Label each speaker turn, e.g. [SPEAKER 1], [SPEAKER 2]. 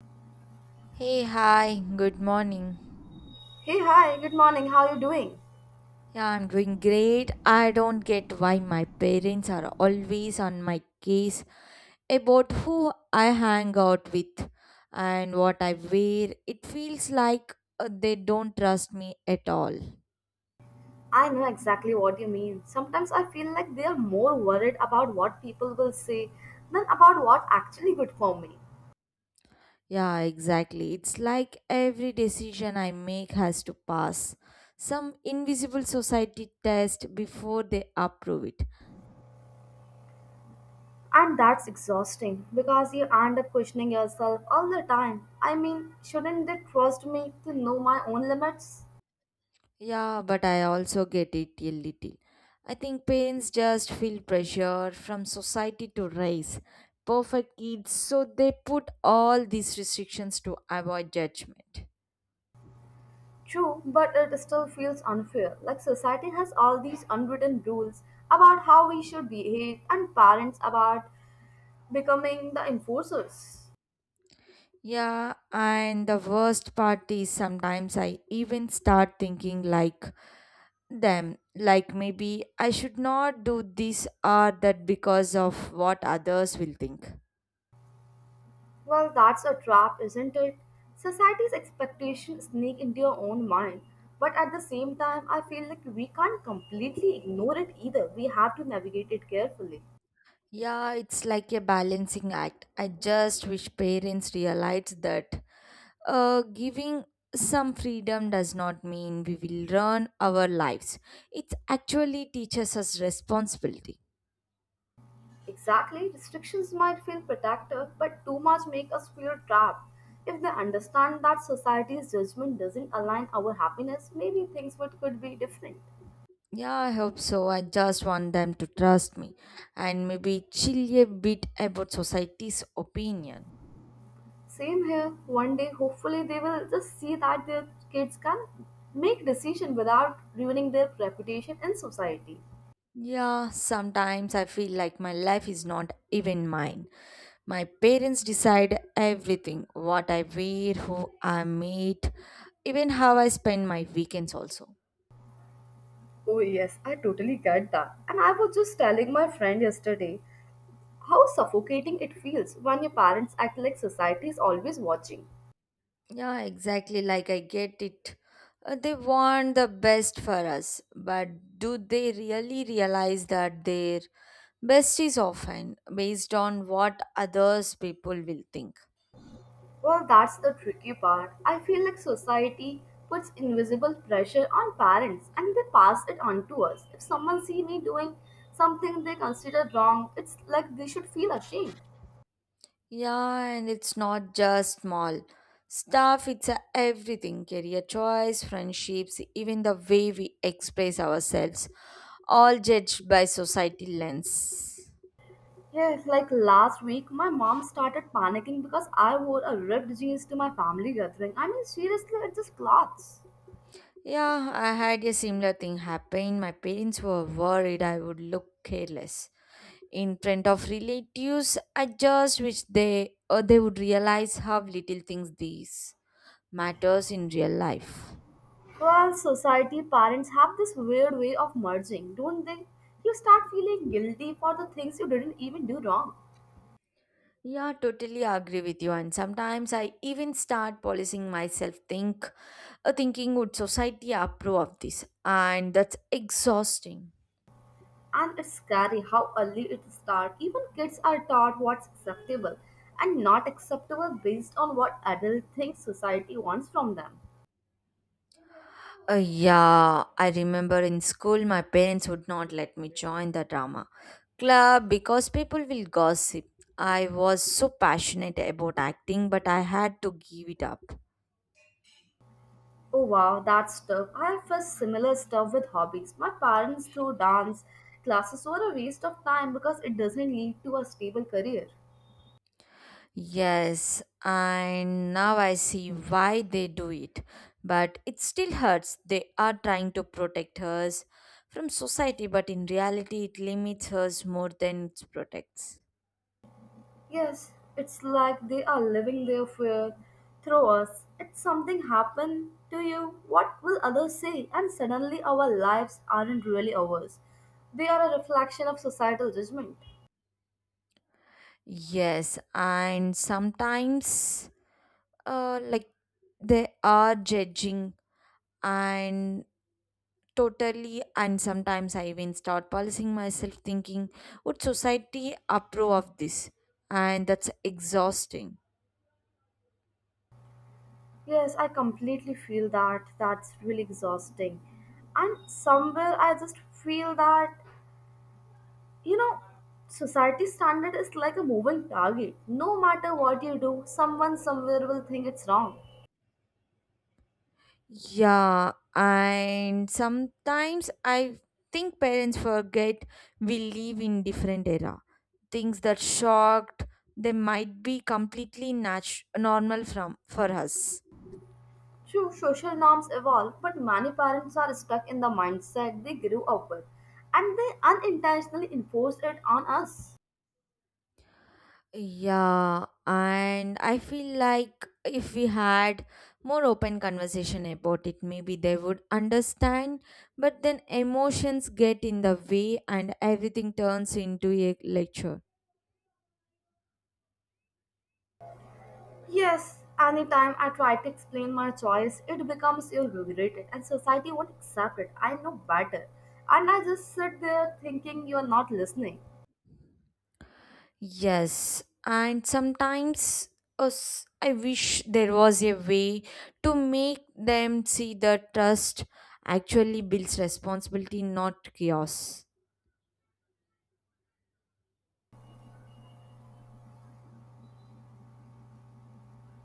[SPEAKER 1] Hey, hi, good morning.
[SPEAKER 2] Hey, hi, good morning. How are you doing?
[SPEAKER 1] Yeah, I'm doing great. I don't get why my parents are always on my case about who I hang out with and what I wear. It feels like they don't trust me at all.
[SPEAKER 2] I know exactly what you mean. Sometimes I feel like they are more worried about what people will say than about what actually good for me.
[SPEAKER 1] Yeah, exactly. It's like every decision I make has to pass some invisible society test before they approve it.
[SPEAKER 2] And that's exhausting because you end up questioning yourself all the time. I mean, shouldn't they trust me to know my own limits?
[SPEAKER 1] Yeah, but I also get it a little. I think parents just feel pressure from society to raise perfect kids, so they put all these restrictions to avoid judgment.
[SPEAKER 2] True, but it still feels unfair. Like society has all these unwritten rules about how we should behave and parents about becoming the enforcers.
[SPEAKER 1] Yeah, and the worst part is sometimes I even start thinking like them, like maybe I should not do this or that because of what others will think.
[SPEAKER 2] Well, that's a trap, isn't it? Society's expectations sneak into your own mind. But at the same time, I feel like we can't completely ignore it either. We have to navigate it carefully.
[SPEAKER 1] Yeah, it's like a balancing act. I just wish parents realized that giving some freedom does not mean we will run our lives. It actually teaches us responsibility.
[SPEAKER 2] Exactly, restrictions might feel protective, but too much make us feel trapped. If they understand that society's judgment doesn't align our happiness, maybe things would could be different.
[SPEAKER 1] Yeah, I hope so. I just want them to trust me and maybe chill a bit about society's opinion.
[SPEAKER 2] Same here. One day, hopefully, they will just see that their kids can make decision without ruining their reputation in society.
[SPEAKER 1] Yeah, sometimes I feel like my life is not even mine. My parents decide everything what I wear, who I meet, even how I spend my weekends, also.
[SPEAKER 2] Oh, yes, I totally get that. And I was just telling my friend yesterday how suffocating it feels when your parents act like society is always watching.
[SPEAKER 1] Yeah, exactly. Like I get it. They want the best for us, but do they really realize that their best is often based on what others people will think?
[SPEAKER 2] Well, that's the tricky part. I feel like society puts invisible pressure on parents and they pass it on to us. If someone see me doing something they consider wrong, it's like they should feel ashamed.
[SPEAKER 1] Yeah, and it's not just small stuff, it's a everything career choice, friendships, even the way we express ourselves, all judged by society lens.
[SPEAKER 2] Yeah, like last week, my mom started panicking because I wore a ripped jeans to my family gathering. I mean, seriously, it's just clothes.
[SPEAKER 1] Yeah, I had a similar thing happen. My parents were worried I would look careless in front of relatives. I just wish they would realize how little things these matters in real life.
[SPEAKER 2] Well, society, parents have this weird way of merging, don't they? You start feeling guilty for the things you didn't even do wrong.
[SPEAKER 1] Yeah, totally agree with you. And sometimes I even start policing myself, thinking would society approve of this, and that's exhausting.
[SPEAKER 2] And it's scary how early it starts. Even kids are taught what's acceptable and not acceptable based on what adults think society wants from them.
[SPEAKER 1] Yeah, I remember in school my parents would not let me join the drama club because people will gossip. I was so passionate about acting, but I had to give it up.
[SPEAKER 2] Oh wow, that's tough. I have faced similar stuff with hobbies. My parents threw dance classes were a waste of time because it doesn't lead to a stable career.
[SPEAKER 1] Yes, and now I see why they do it. But it still hurts. They are trying to protect us from society, but in reality, it limits us more than it protects.
[SPEAKER 2] Yes, it's like they are living their fear through us. If something happened to you, what will others say? And suddenly our lives aren't really ours. They are a reflection of societal judgment.
[SPEAKER 1] Yes, and sometimes uh, like they are judging and totally, and sometimes I even start policing myself thinking would society approve of this, and that's exhausting.
[SPEAKER 2] Yes, I completely feel that. That's really exhausting. And somewhere I just feel that you know society standard is like a moving target. No matter what you do, someone somewhere will think it's wrong.
[SPEAKER 1] Yeah, and sometimes I think parents forget we live in different era. Things that shocked they might be completely normal from for us.
[SPEAKER 2] True, social norms evolve, but many parents are stuck in the mindset they grew up with and they unintentionally enforce it on us.
[SPEAKER 1] Yeah, and I feel like if we had more open conversation about it, maybe they would understand. But then emotions get in the way and everything turns into a lecture.
[SPEAKER 2] Yes, anytime I try to explain my choice, it becomes irritated and society won't accept it. I know better, and I just sit there thinking, you're not listening.
[SPEAKER 1] Yes, and sometimes us, I wish there was a way to make them see that trust actually builds responsibility, not chaos.